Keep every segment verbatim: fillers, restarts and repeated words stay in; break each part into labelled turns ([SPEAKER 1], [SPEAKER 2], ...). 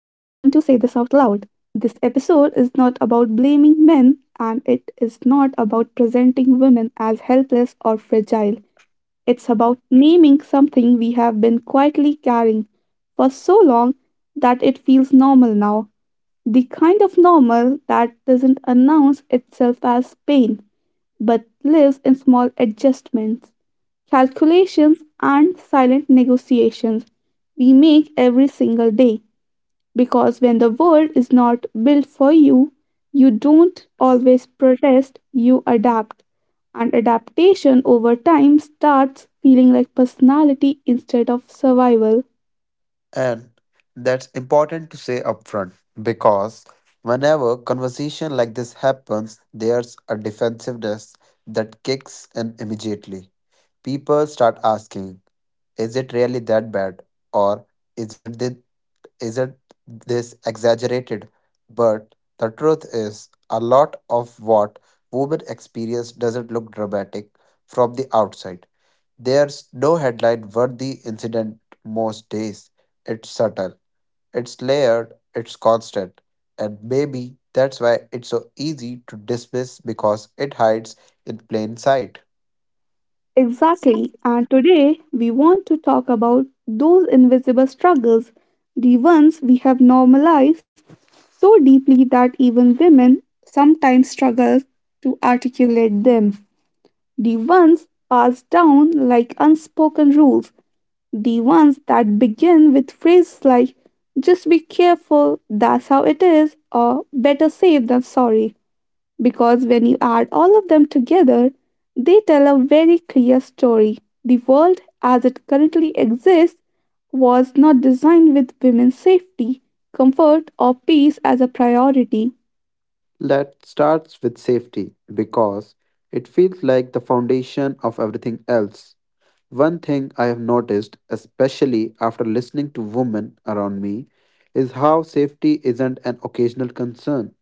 [SPEAKER 1] This episode is not about blaming men and it is not about presenting women as helpless or fragile. It's about naming something we have been quietly carrying for so long that it feels normal now. The kind of normal that doesn't announce itself as pain but lives in small adjustments calculations, and silent negotiations we make every single day. Because when the world is not built for you, you don't always protest, you adapt. And adaptation over time starts feeling like personality instead of survival.
[SPEAKER 2] And that's important to say upfront because whenever conversation like this happens, there's a defensiveness that kicks in immediately. People start asking, is it really that bad? Or is it this, is it this exaggerated? But the truth is, a lot of what women experience doesn't look dramatic from the outside. There's no headline worthy incident most days. It's subtle, it's layered, it's constant, and maybe that's why it's so easy to dismiss because it hides in plain sight.
[SPEAKER 1] Exactly. And today we want to talk about those invisible struggles, the ones we have normalized so deeply that even women sometimes struggle to articulate them. The ones passed down like unspoken rules, the ones that begin with phrases like, just be careful, that's how it is, or better safe than sorry because when you add all of them together, they tell a very clear story. The world as it currently exists was not designed with women's safety, comfort, or peace as a priority.
[SPEAKER 2] That starts with safety because it feels like the foundation of everything else. One thing I have noticed, especially after listening to women around me, is how safety isn't an occasional concern,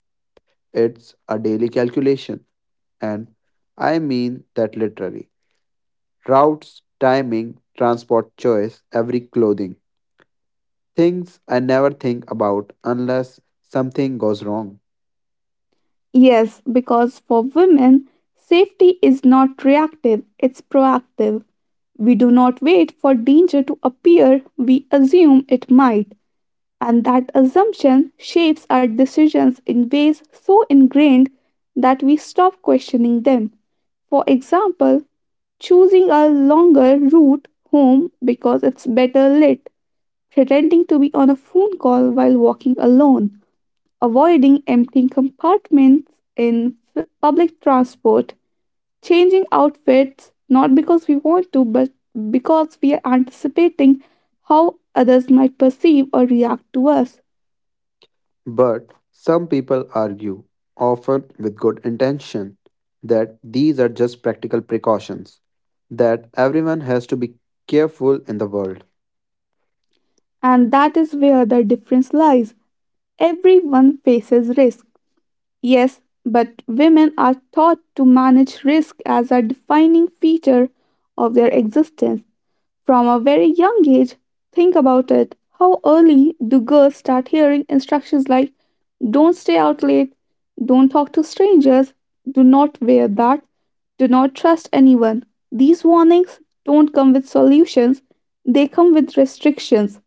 [SPEAKER 2] it's a daily calculation. And I mean that literally. Routes, timing, transport choice, every clothing. Things I never think about unless something goes wrong.
[SPEAKER 1] Yes, because for women, safety is not reactive, it's proactive. We do not wait for danger to appear, we assume it might. And that assumption shapes our decisions in ways so ingrained that we stop questioning them. For example, choosing a longer route home because it's better lit, pretending to be on a phone call while walking alone, avoiding empty compartments in f- public transport, changing outfits not because we want to but because we are anticipating how others might perceive or react to us.
[SPEAKER 2] But some people argue, often with good intention, that these are just practical precautions, that everyone has to be careful in the world.
[SPEAKER 1] And that is where the difference lies. Everyone faces risk, yes, but women are taught to manage risk as a defining feature of their existence. From a very young age, think about it. How early do girls start hearing instructions like don't stay out late, don't talk to strangers, do not wear that, do not trust anyone? These warnings don't come with solutions, they come with restrictions.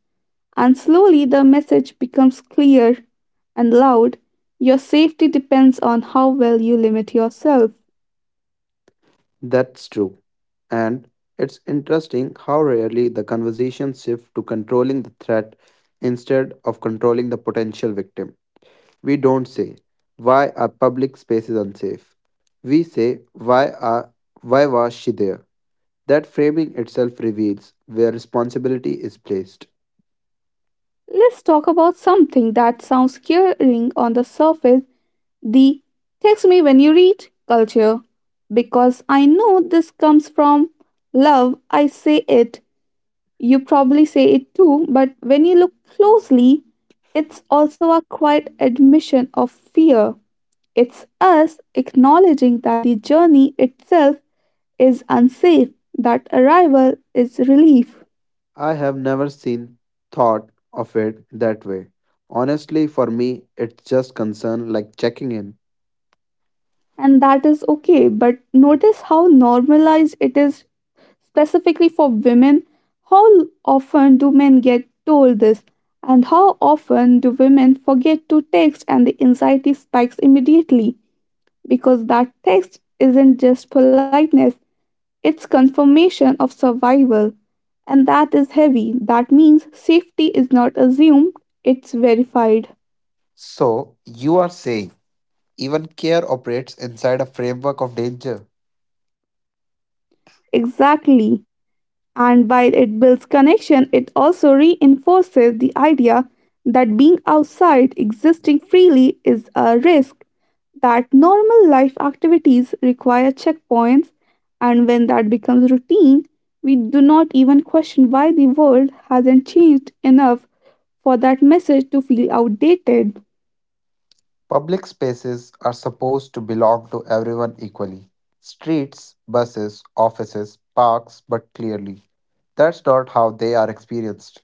[SPEAKER 1] And slowly the message becomes clear and loud. Your safety depends on how well you limit yourself.
[SPEAKER 2] That's true. And it's interesting how rarely the conversation shifts to controlling the threat instead of controlling the potential victim. We don't say why are public spaces unsafe. We say why are why was she there? That framing itself reveals where responsibility is placed.
[SPEAKER 1] Let's talk about something that sounds scaring on the surface the text me when you read culture. Because I know this comes from love, I say it. You probably say it too, but when you look closely, it's also a quiet admission of fear. It's us acknowledging that the journey itself is unsafe, that arrival is relief,
[SPEAKER 2] I have never seen thought of it that way. Honestly, for me, it's just concern like checking in.
[SPEAKER 1] and that is okay. But notice how normalized it is specifically for women. How often do men get told this? And how often do women forget to text and the anxiety spikes immediately? Because that text isn't just politeness, it's confirmation of survival. And that is heavy. That means safety is not assumed, it's verified.
[SPEAKER 2] So, you are saying even care operates inside a framework of danger?
[SPEAKER 1] Exactly. And while it builds connection, it also reinforces the idea that being outside, existing freely, is a risk, that normal life activities require checkpoints, and when that becomes routine, we do not even question why the world hasn't changed enough for that message to feel outdated.
[SPEAKER 2] Public spaces are supposed to belong to everyone equally, streets, buses, offices, parks, but clearly, that's not how they are experienced.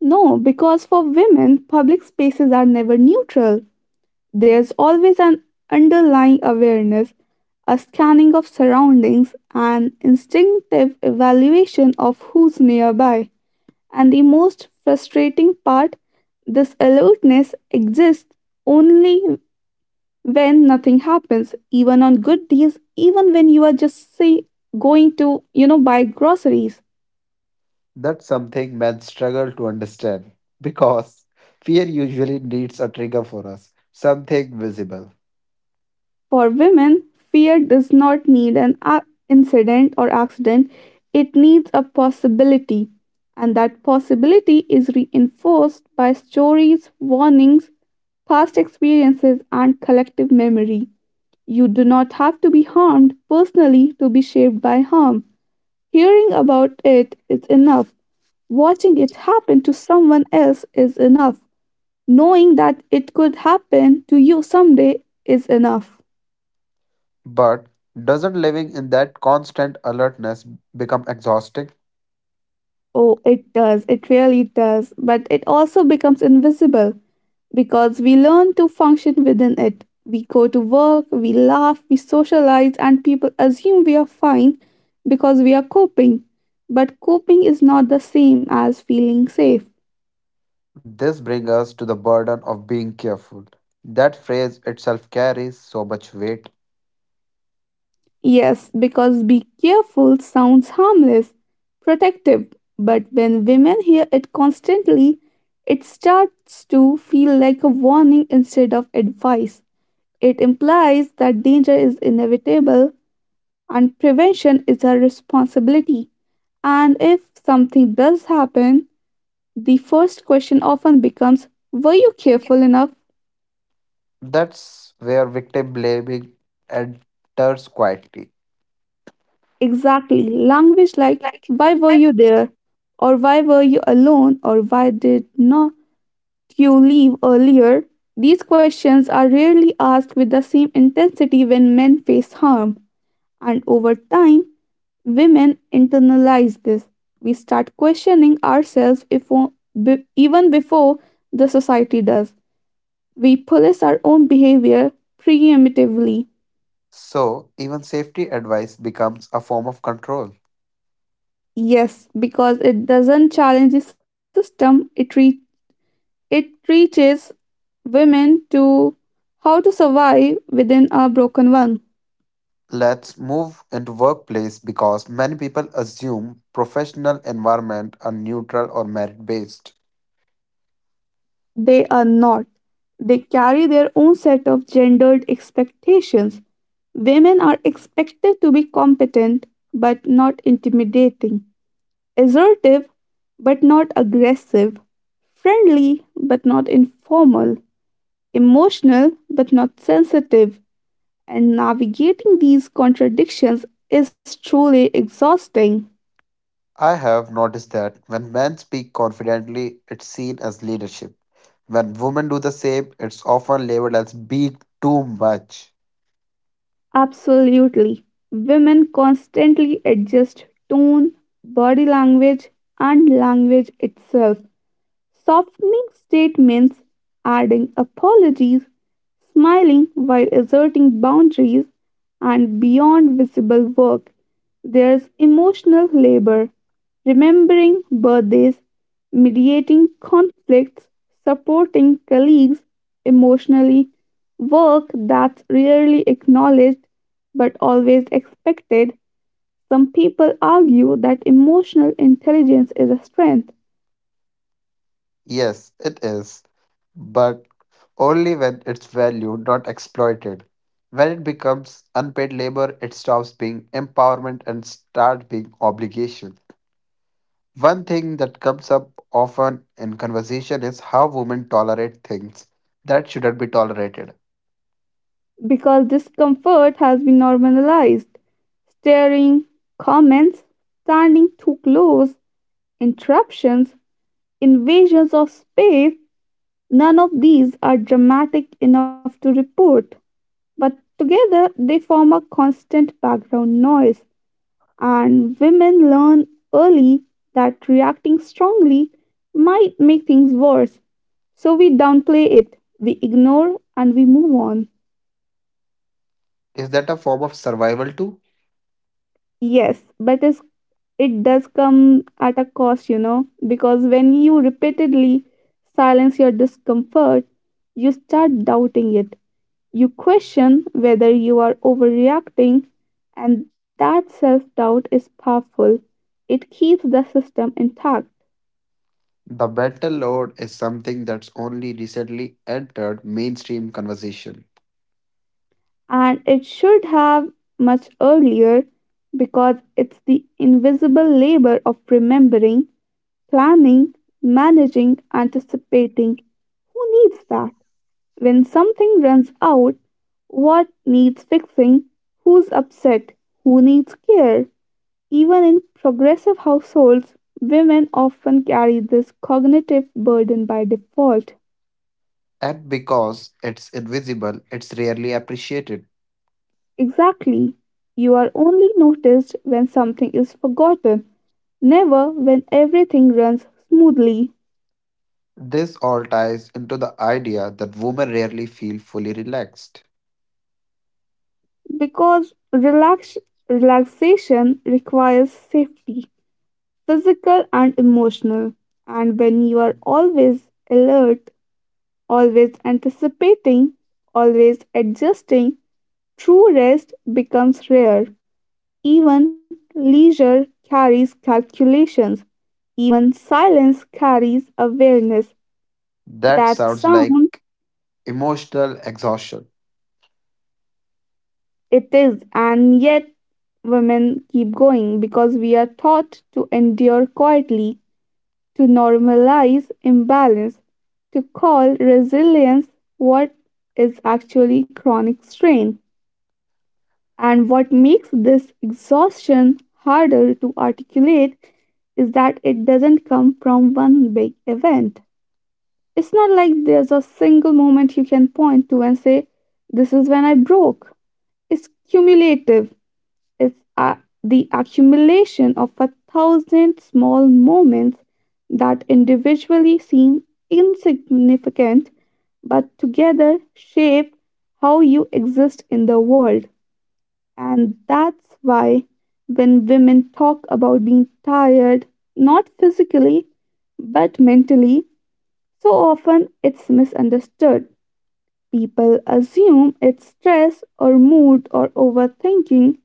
[SPEAKER 1] No, because for women, public spaces are never neutral. There's always an underlying awareness, a scanning of surroundings, an instinctive evaluation of who's nearby. And the most frustrating part this alertness exists only when nothing happens, even on good days, even when you are just say going to, you know, buy groceries.
[SPEAKER 2] That's something men struggle to understand because fear usually needs a trigger for us, something visible.
[SPEAKER 1] For women, fear does not need an a- incident or accident, it needs a possibility. And that possibility is reinforced by stories, warnings, past experiences, and collective memory. You do not have to be harmed personally to be shaped by harm. Hearing about it is enough. Watching it happen to someone else is enough. Knowing that it could happen to you someday is enough.
[SPEAKER 2] But doesn't living in that constant alertness become exhausting?
[SPEAKER 1] Oh, it does. It really does. But it also becomes invisible because we learn to function within it. We go to work, we laugh, we socialize, and people assume we are fine because we are coping. But coping is not the same as feeling safe.
[SPEAKER 2] This brings us to the burden of being careful. That phrase itself carries so much weight.
[SPEAKER 1] Yes, because be careful sounds harmless, protective. But when women hear it constantly, it starts to feel like a warning instead of advice. It implies that danger is inevitable and prevention is our responsibility. And if something does happen, the first question often becomes were you careful enough?
[SPEAKER 2] That's where victim blaming enters quietly.
[SPEAKER 1] Exactly. Language like why were you there? Or why were you alone? Or why did not you leave earlier? These questions are rarely asked with the same intensity when men face harm. And over time, women internalize this. We start questioning ourselves if, o- be- even before the society does. We police our own behavior preemptively.
[SPEAKER 2] So, even safety advice becomes a form of control.
[SPEAKER 1] Yes, because it doesn't challenge the system, it, re- it teaches women to how to survive within a broken one.
[SPEAKER 2] Let's move into workplace because many people assume professional environment are neutral or merit based.
[SPEAKER 1] They are not. They carry their own set of gendered expectations. Women are expected to be competent but not intimidating, assertive but not aggressive, friendly but not informal, emotional but not sensitive. And navigating these contradictions is truly exhausting.
[SPEAKER 2] I have noticed that when men speak confidently, it's seen as leadership. When women do the same, it's often labeled as being too much.
[SPEAKER 1] Absolutely. Women constantly adjust tone, body language, and language itself. Softening statements, adding apologies, smiling while asserting boundaries, and beyond visible work, there's emotional labor, remembering birthdays, mediating conflicts, supporting colleagues emotionally, work that's rarely acknowledged but always expected, some people argue that emotional intelligence is a strength.
[SPEAKER 2] Yes, it is. But only when it's valued, not exploited. When it becomes unpaid labor, it stops being empowerment and starts being obligation. One thing that comes up often in conversation is how women tolerate things that shouldn't be tolerated.
[SPEAKER 1] Because discomfort has been normalized. Staring, comments, standing too close, interruptions, invasions of space. None of these are dramatic enough to report, but together they form a constant background noise. And women learn early that reacting strongly might make things worse. So we downplay it, we ignore, and we move on.
[SPEAKER 2] Is that a form of survival too?
[SPEAKER 1] Yes, but it's, it does come at a cost, you know, because when you repeatedly silence your discomfort, you start doubting it. You question whether you are overreacting, and that self doubt is powerful. It keeps the system intact,
[SPEAKER 2] The mental load is something that's only recently entered mainstream conversation.
[SPEAKER 1] and it should have much earlier because it's the invisible labor of remembering, planning, managing, anticipating. Who needs that? When something runs out, what needs fixing? Who's upset? Who needs care? Even in progressive households, women often carry this cognitive burden by default.
[SPEAKER 2] And because it's invisible, it's rarely appreciated.
[SPEAKER 1] Exactly. You are only noticed when something is forgotten, never when everything runs smoothly.
[SPEAKER 2] This all ties into the idea that women rarely feel fully relaxed.
[SPEAKER 1] Because relax- relaxation requires safety, physical and emotional. And when you are always alert, always anticipating, always adjusting, true rest becomes rare. Even leisure carries calculations. Even silence carries awareness.
[SPEAKER 2] That
[SPEAKER 1] That
[SPEAKER 2] sounds like
[SPEAKER 1] sound
[SPEAKER 2] emotional exhaustion.
[SPEAKER 1] it is, and yet women keep going because we are taught to endure quietly, to normalize imbalance, to call resilience what is actually chronic strain. And what makes this exhaustion harder to articulate is that it doesn't come from one big event. It's not like there's a single moment you can point to and say, this is when I broke. It's cumulative, it's a- the accumulation of a thousand small moments that individually seem insignificant but together shape how you exist in the world. And that's why when women talk about being tired, not physically but mentally, so often it's misunderstood. People assume it's stress or mood or overthinking,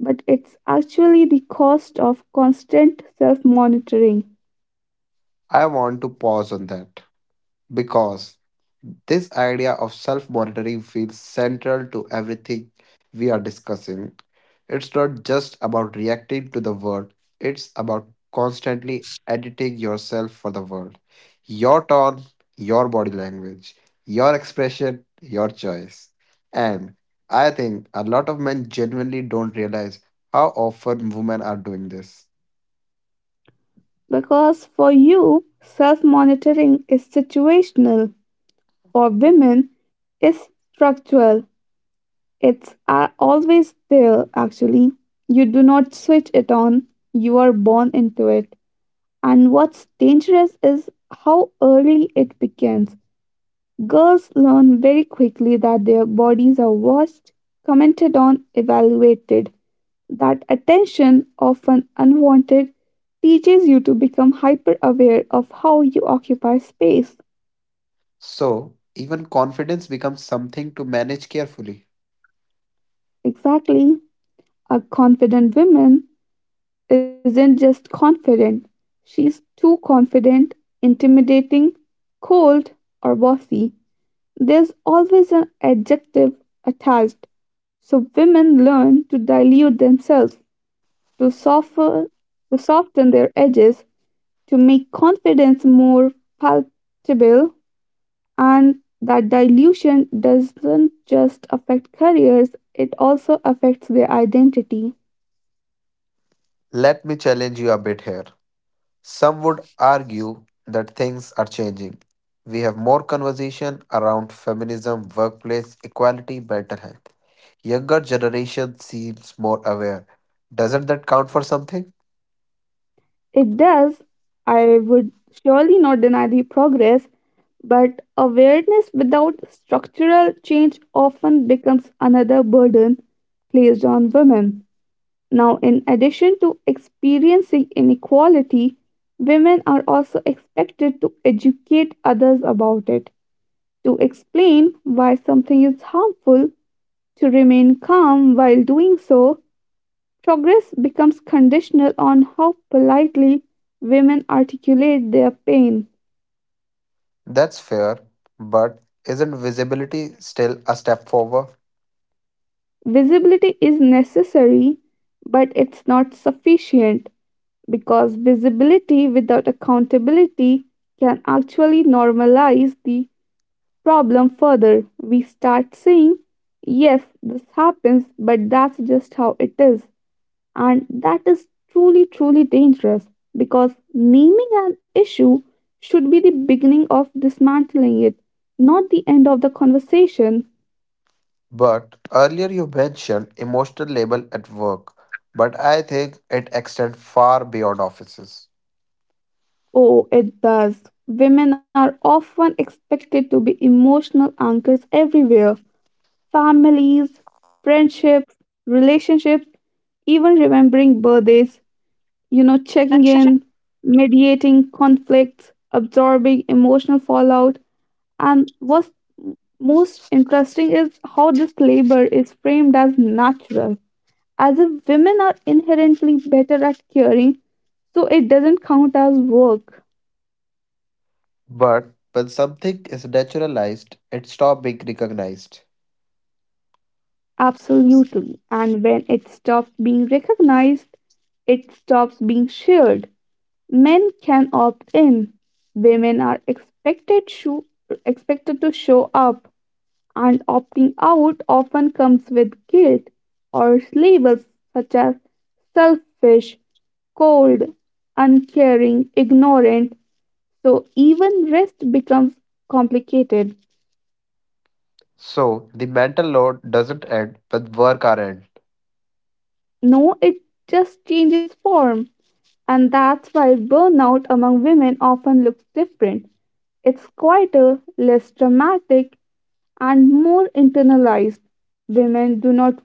[SPEAKER 1] but it's actually the cost of constant self monitoring.
[SPEAKER 2] I want to pause on that because this idea of self monitoring feels central to everything we are discussing. It's not just about reacting to the world, it's about constantly editing yourself for the world. Your tone, your body language, your expression, your choice. And I think a lot of men genuinely don't realize how often women are doing this.
[SPEAKER 1] Because for you, self monitoring is situational, for women, it's structural. It's uh, always there, actually. You do not switch it on, you are born into it. And what's dangerous is how early it begins. Girls learn very quickly that their bodies are watched, commented on, evaluated. That attention, often unwanted, teaches you to become hyper aware of how you occupy space.
[SPEAKER 2] So, even confidence becomes something to manage carefully.
[SPEAKER 1] Exactly. A confident woman isn't just confident, she's too confident, intimidating, cold, or bossy. There's always an adjective attached, so women learn to dilute themselves to soften, to soften their edges, to make confidence more palatable, and that dilution doesn't just affect careers, it also affects their identity.
[SPEAKER 2] Let me challenge you a bit here. Some would argue that things are changing. We have more conversation around feminism, workplace equality, mental health. Younger generation seems more aware. Doesn't that count for something?
[SPEAKER 1] It does, I would surely not deny the progress, but awareness without structural change often becomes another burden placed on women. Now, in addition to experiencing inequality, women are also expected to educate others about it, to explain why something is harmful, to remain calm while doing so. Progress becomes conditional on how politely women articulate their pain.
[SPEAKER 2] That's fair, but isn't visibility still a step forward?
[SPEAKER 1] Visibility is necessary, but it's not sufficient because visibility without accountability can actually normalize the problem further. We start saying, yes, this happens, but that's just how it is. And that is truly, truly dangerous because naming an issue should be the beginning of dismantling it, not the end of the conversation.
[SPEAKER 2] But earlier you mentioned emotional label at work, but I think it extends far beyond offices.
[SPEAKER 1] Oh, it does. Women are often expected to be emotional anchors everywhere families, friendships, relationships, even remembering birthdays. you know, checking in, mediating conflicts, absorbing emotional fallout. And what's most interesting is how this labor is framed as natural, as if women are inherently better at caring, so it doesn't count as work.
[SPEAKER 2] But when something is naturalized, it stops being recognized.
[SPEAKER 1] Absolutely. And when it stops being recognized, it stops being shared. Men can opt in. Women are expected, sho- expected to show up and opting out often comes with guilt or labels such as selfish, cold, uncaring, ignorant. So even rest becomes complicated.
[SPEAKER 2] So the mental load doesn't end when work are end.
[SPEAKER 1] No, it just changes form. And that's why burnout among women often looks different. It's quieter, less dramatic, and more internalized. Women do not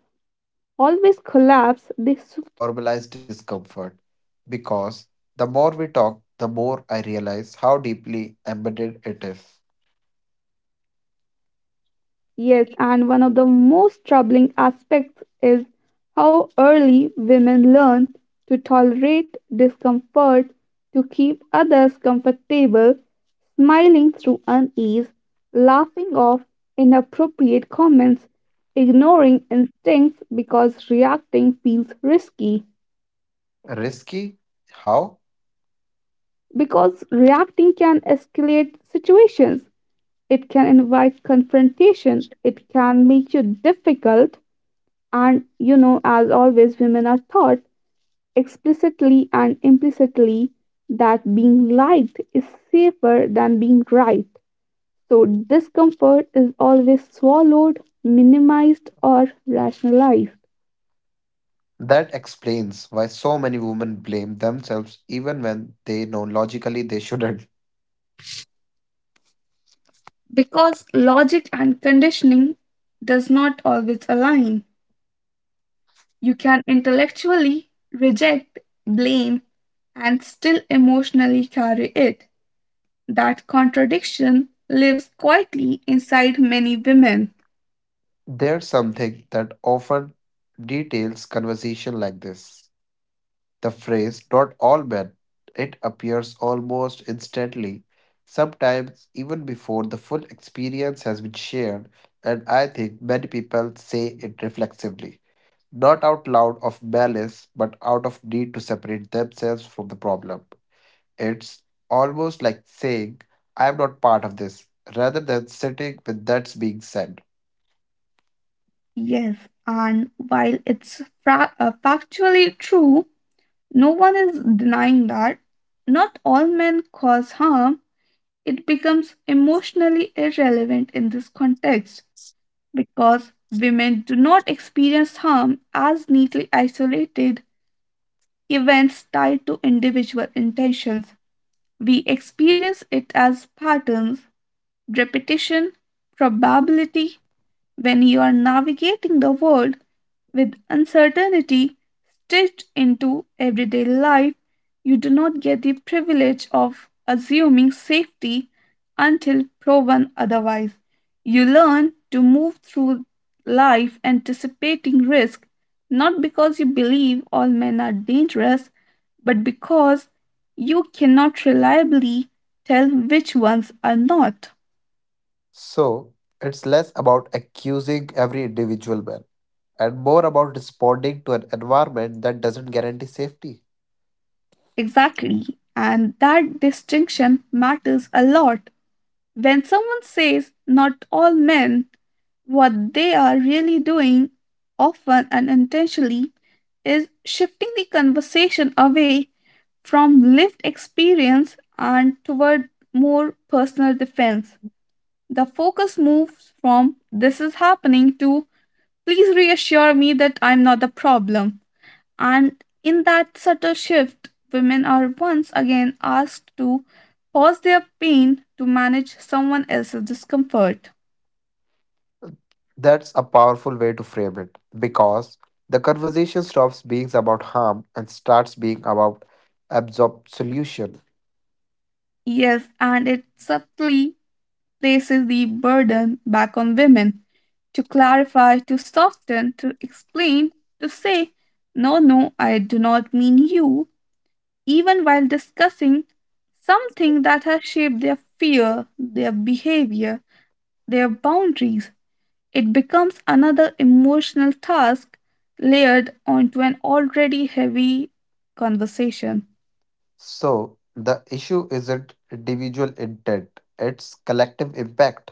[SPEAKER 1] always
[SPEAKER 2] I want to
[SPEAKER 1] collapse,
[SPEAKER 2] come
[SPEAKER 1] they
[SPEAKER 2] back
[SPEAKER 1] s-
[SPEAKER 2] to normalize discomfort because the more we talk, the more I realize how deeply embedded it is.
[SPEAKER 1] Yes, and one of the most troubling aspects is how early women learn to tolerate discomfort, to keep others comfortable, smiling through unease, laughing off inappropriate comments, ignoring instincts because reacting feels risky.
[SPEAKER 2] Risky? How?
[SPEAKER 1] Because reacting can escalate situations, it can invite confrontation, it can make you difficult. And you know, as always, women are taught explicitly and implicitly that being liked is safer than being right. So discomfort is always swallowed, minimized, or rationalized
[SPEAKER 2] That explains why so many women blame themselves even when they know logically they shouldn't.
[SPEAKER 1] because logic and conditioning does not always align. You can intellectually reject, blame, and still emotionally carry it. That contradiction lives quietly inside many women.
[SPEAKER 2] There's something that often details conversation like this. The phrase not all men, it appears almost instantly, sometimes even before the full experience has been shared, and I think many people say it reflexively, not out loud of malice, but out of need to separate themselves from the problem. It's almost like saying, I am not part of this, rather than sitting with that's being said.
[SPEAKER 1] Yes, and while it's fra- uh, factually true, no one is denying that not all men cause harm, it becomes emotionally irrelevant in this context because women do not experience harm as neatly isolated events tied to individual intentions. We experience it as patterns, repetition, probability. When you are navigating the world with uncertainty stitched into everyday life, you do not get the privilege of assuming safety until proven otherwise. You learn to move through life anticipating risk, not because you believe all men are dangerous, but because you cannot reliably tell which ones are not.
[SPEAKER 2] So, it's less about accusing every individual man and more about responding to an environment that doesn't guarantee safety.
[SPEAKER 1] Exactly. And that distinction matters a lot. When someone says not all men, what they are really doing, often unintentionally, is shifting the conversation away from lived experience and toward more personal defense. The focus moves from this is happening to please reassure me that I'm not the problem. And in that subtle shift, women are once again asked to pause their pain to manage someone else's discomfort.
[SPEAKER 2] That's a powerful way to frame it because the conversation stops being about harm and starts being about absorb solution.
[SPEAKER 1] Yes, and it subtly places the burden back on women to clarify, to soften, to explain, to say, no, no, I do not mean you, even while discussing something that has shaped their fear, their behavior, their boundaries. It becomes another emotional task layered onto an already heavy conversation.
[SPEAKER 2] So the issue isn't individual intent, it's collective impact.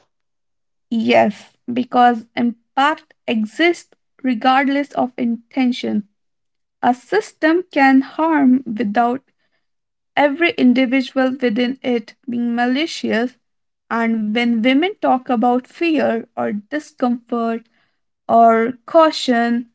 [SPEAKER 1] Yes, because impact exists regardless of intention. A system can harm without every individual within it being malicious. And when women talk about fear or discomfort or caution,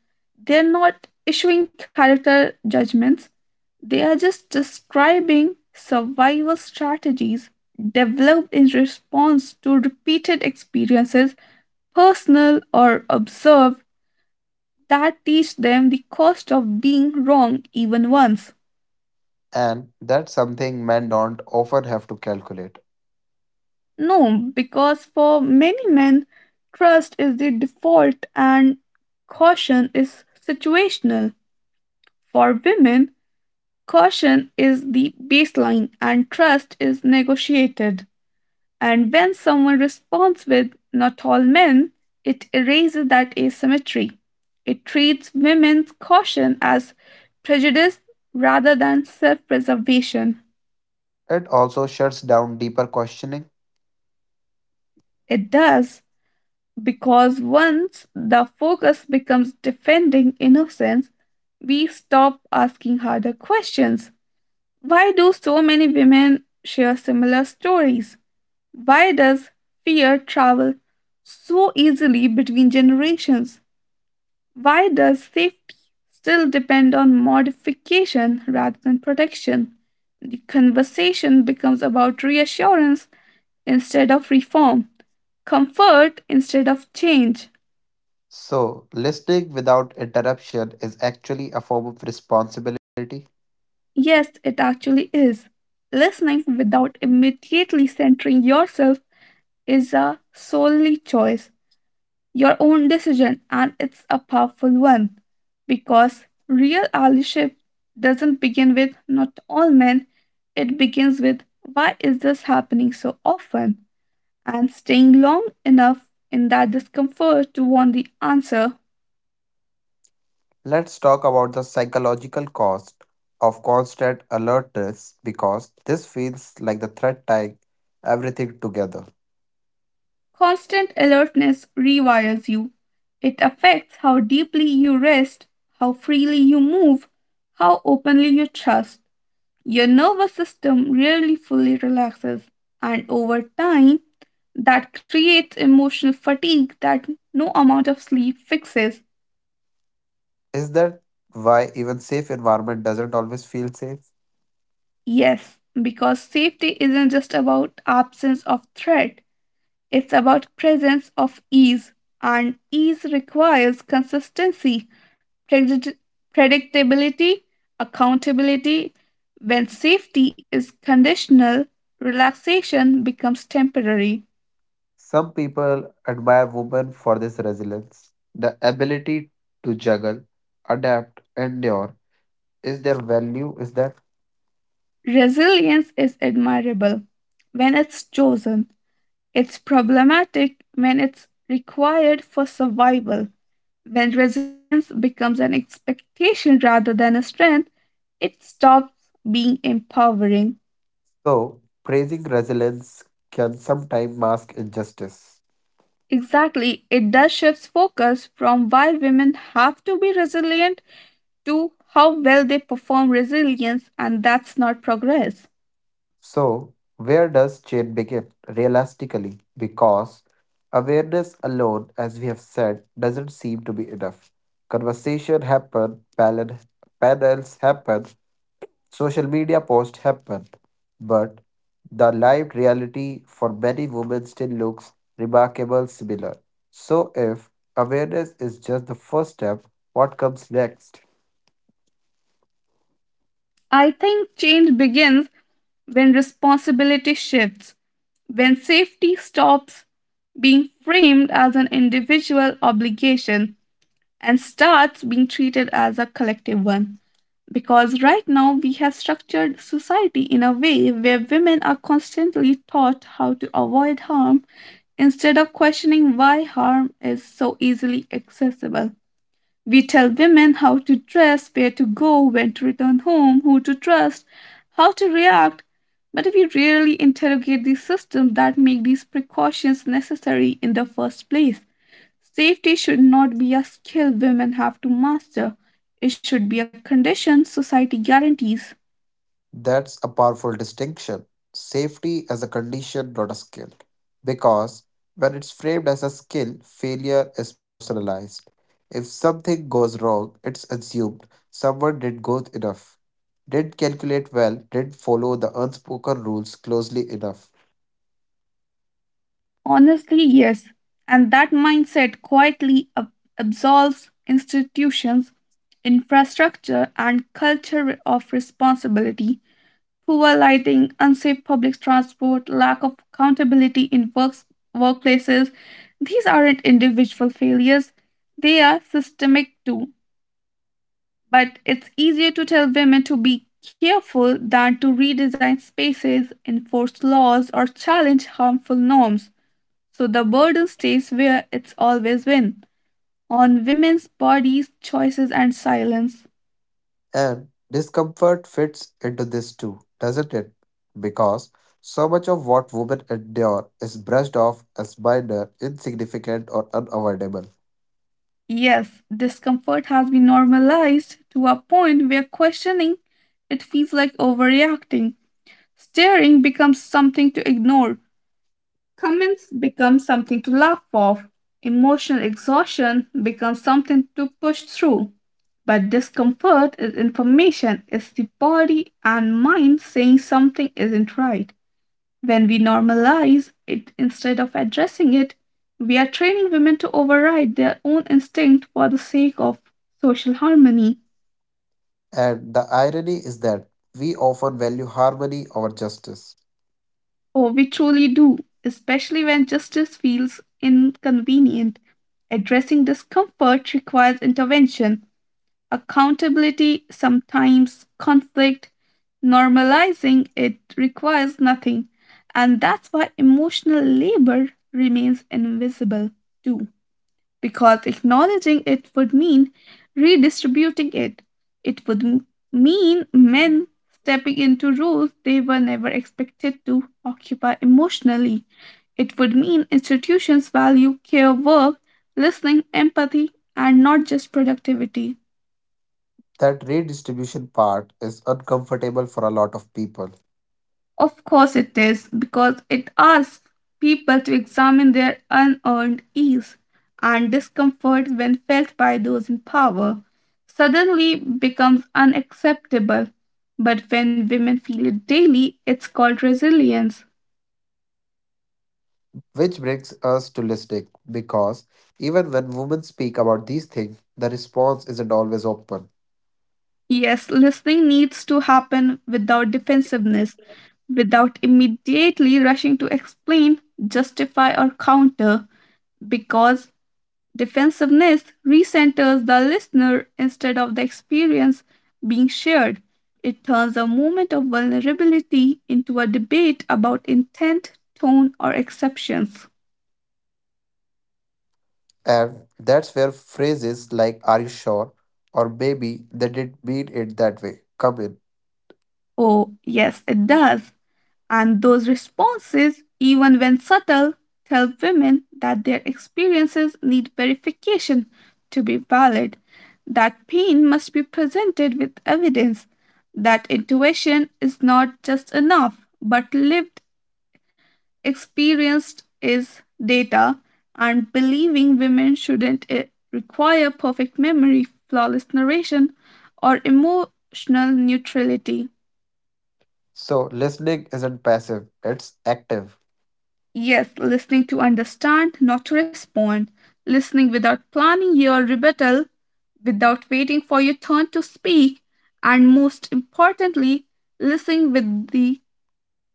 [SPEAKER 1] they're not issuing character judgments, they are just describing survival strategies developed in response to repeated experiences, personal or observed, that teach them the cost of being wrong even once.
[SPEAKER 2] And that's something men don't often have to calculate.
[SPEAKER 1] No, because for many men, trust is the default and caution is situational. For women, caution is the baseline, and trust is negotiated. And when someone responds with not all men, it erases that asymmetry. It treats women's caution as prejudice rather than self preservation.
[SPEAKER 2] It also shuts down deeper questioning.
[SPEAKER 1] It does, because once the focus becomes defending innocence, we stop asking harder questions. Why do so many women share similar stories? Why does fear travel so easily between generations? Why does safety still depend on modification rather than protection? The conversation becomes about reassurance instead of reform, comfort instead of change.
[SPEAKER 2] So, listening without interruption is actually a form of responsibility.
[SPEAKER 1] Yes, it actually is. Listening without immediately centering yourself is a solely choice, your own decision, and it's a powerful one because real allyship doesn't begin with not all men, it begins with why is this happening so often? And staying long enough in that discomfort to want the answer,
[SPEAKER 2] Let's talk about the psychological cost of constant alertness because this feels like the thread tying everything together.
[SPEAKER 1] constant alertness rewires you. It affects how deeply you rest, how freely you move, how openly you trust. Your nervous system rarely fully relaxes, and over time, that creates emotional fatigue that no amount of sleep fixes.
[SPEAKER 2] Is that why even safe environment doesn't always feel safe?
[SPEAKER 1] Yes, because safety isn't just about absence of threat, it's about presence of ease, and ease requires consistency, predict- predictability, accountability. When safety is conditional, relaxation becomes temporary.
[SPEAKER 2] Some people admire women for this resilience. The ability to juggle, adapt, endure is their value, is that?
[SPEAKER 1] Resilience is admirable when it's chosen. It's problematic when it's required for survival. When resilience becomes an expectation rather than a strength, it stops being empowering.
[SPEAKER 2] So praising resilience can sometimes mask injustice.
[SPEAKER 1] Exactly, it does shifts focus from why women have to be resilient to how well they perform resilience, and that's not progress.
[SPEAKER 2] So, where does change begin realistically? Because awareness alone, as we have said, doesn't seem to be enough. Conversation happen, panel, panels happen, social media posts happen, but the lived reality for many women still looks remarkable similar. So, if awareness is just the first step, what comes next?
[SPEAKER 1] I think change begins when responsibility shifts, when safety stops being framed as an individual obligation and starts being treated as a collective one. Because right now we have structured society in a way where women are constantly taught how to avoid harm instead of questioning why harm is so easily accessible. We tell women how to dress, where to go, when to return home, who to trust, how to react. But we rarely interrogate the systems that make these precautions necessary in the first place. Safety should not be a skill women have to master, it should be a condition society guarantees.
[SPEAKER 2] That's a powerful distinction. Safety as a condition, not a skill. Because when it's framed as a skill, failure is personalized. If something goes wrong, it's assumed someone did good enough, didn't calculate well, didn't follow the unspoken rules closely enough.
[SPEAKER 1] Honestly, yes. And that mindset quietly ab- absolves institutions, infrastructure, and culture of responsibility. Poor lighting, unsafe public transport, lack of accountability in works, workplaces. These aren't individual failures, they are systemic too. But it's easier to tell women to be careful than to redesign spaces, enforce laws, or challenge harmful norms. So the burden stays where it's always been, on women's bodies, choices, and silence.
[SPEAKER 2] And discomfort fits into this too, doesn't it? Because so much of what women endure is brushed off as minor, insignificant, or unavoidable.
[SPEAKER 1] Yes, discomfort has been normalized to a point where questioning it feels like overreacting. Staring becomes something to ignore. Comments become something to laugh off, emotional exhaustion becomes something to push through. But discomfort is information, it's the body and mind saying something isn't right. When we normalize it instead of addressing it, we are training women to override their own instinct for the sake of social harmony.
[SPEAKER 2] And the irony is that we often value harmony over justice.
[SPEAKER 1] Oh, we truly do, especially when justice feels inconvenient. Addressing discomfort requires intervention, accountability, sometimes conflict. Normalizing it requires nothing, and that's why emotional labor remains invisible too. Because acknowledging it would mean redistributing it, it would m- mean men stepping into roles they were never expected to occupy emotionally. It would mean institutions value care work, listening, empathy, and not just productivity.
[SPEAKER 2] That redistribution part is uncomfortable for a lot of people.
[SPEAKER 1] Of course it is, because it asks people to examine their unearned ease, and discomfort when felt by those in power suddenly becomes unacceptable, but when women feel it daily, it's called resilience.
[SPEAKER 2] Which brings us to listening, because even when women speak about these things, the response isn't always open.
[SPEAKER 1] Yes, listening needs to happen without defensiveness, without immediately rushing to explain, justify, or counter, because defensiveness recenters the listener instead of the experience being shared. It turns a moment of vulnerability into a debate about intent, tone, or exceptions.
[SPEAKER 2] And that's where phrases like, are you sure? or maybe they didn't mean it that way come in.
[SPEAKER 1] Oh, yes, it does. And those responses, even when subtle, tell women that their experiences need verification to be valid, that pain must be presented with evidence, that intuition is not just enough but lived experienced is data, and believing women shouldn't eh, require perfect memory, flawless narration, or emotional neutrality.
[SPEAKER 2] So listening isn't passive, it's active.
[SPEAKER 1] Yes, listening to understand, not to respond. Listening without planning your rebuttal, without waiting for your turn to speak, and most importantly, listening with the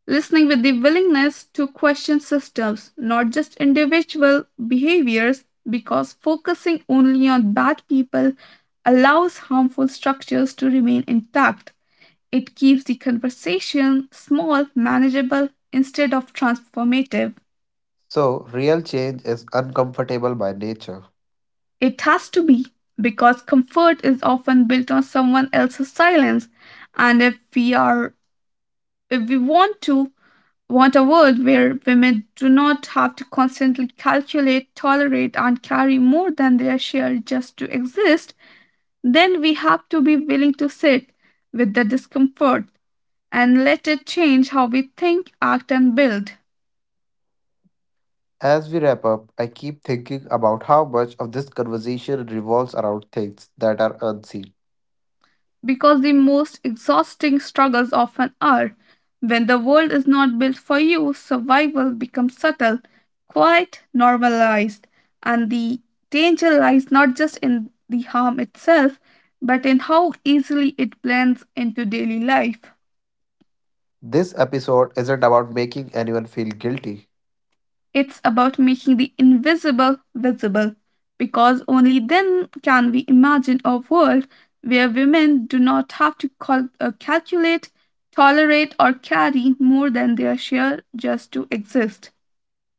[SPEAKER 1] listening with the willingness to question systems, not just individual behaviors, because focusing only on bad people allows harmful structures to remain intact. It keeps the conversation small, manageable, instead of transformative.
[SPEAKER 2] So, real change is uncomfortable by nature.
[SPEAKER 1] It has to be, because comfort is often built on someone else's silence. And if we are if we want to want a world where women do not have to constantly calculate, tolerate, and carry more than their share just to exist, then we have to be willing to sit with the discomfort and let it change how we think, act, and build.
[SPEAKER 2] As we wrap up, I keep thinking about how much of this conversation revolves around things that are unseen.
[SPEAKER 1] Because the most exhausting struggles often are. When the world is not built for you, survival becomes subtle, quite normalized, and the danger lies not just in the harm itself, but in how easily it blends into daily life.
[SPEAKER 2] This episode isn't about making anyone feel guilty.
[SPEAKER 1] It's about making the invisible visible because only then can we imagine a world where women do not have to cal- uh, calculate, tolerate, or carry more than their share just to exist,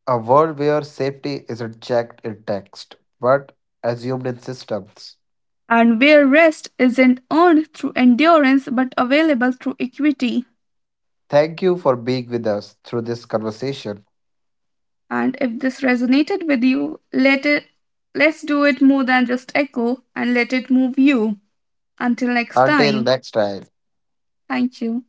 [SPEAKER 2] A world where safety isn't checked in text, but assumed in systems.
[SPEAKER 1] and where rest isn't earned through endurance but available through equity.
[SPEAKER 2] Thank you for being with us through this conversation.
[SPEAKER 1] And if this resonated with you, let it let's do it more than just echo and let it move you. Until next
[SPEAKER 2] Until
[SPEAKER 1] time,
[SPEAKER 2] next time.
[SPEAKER 1] thank you.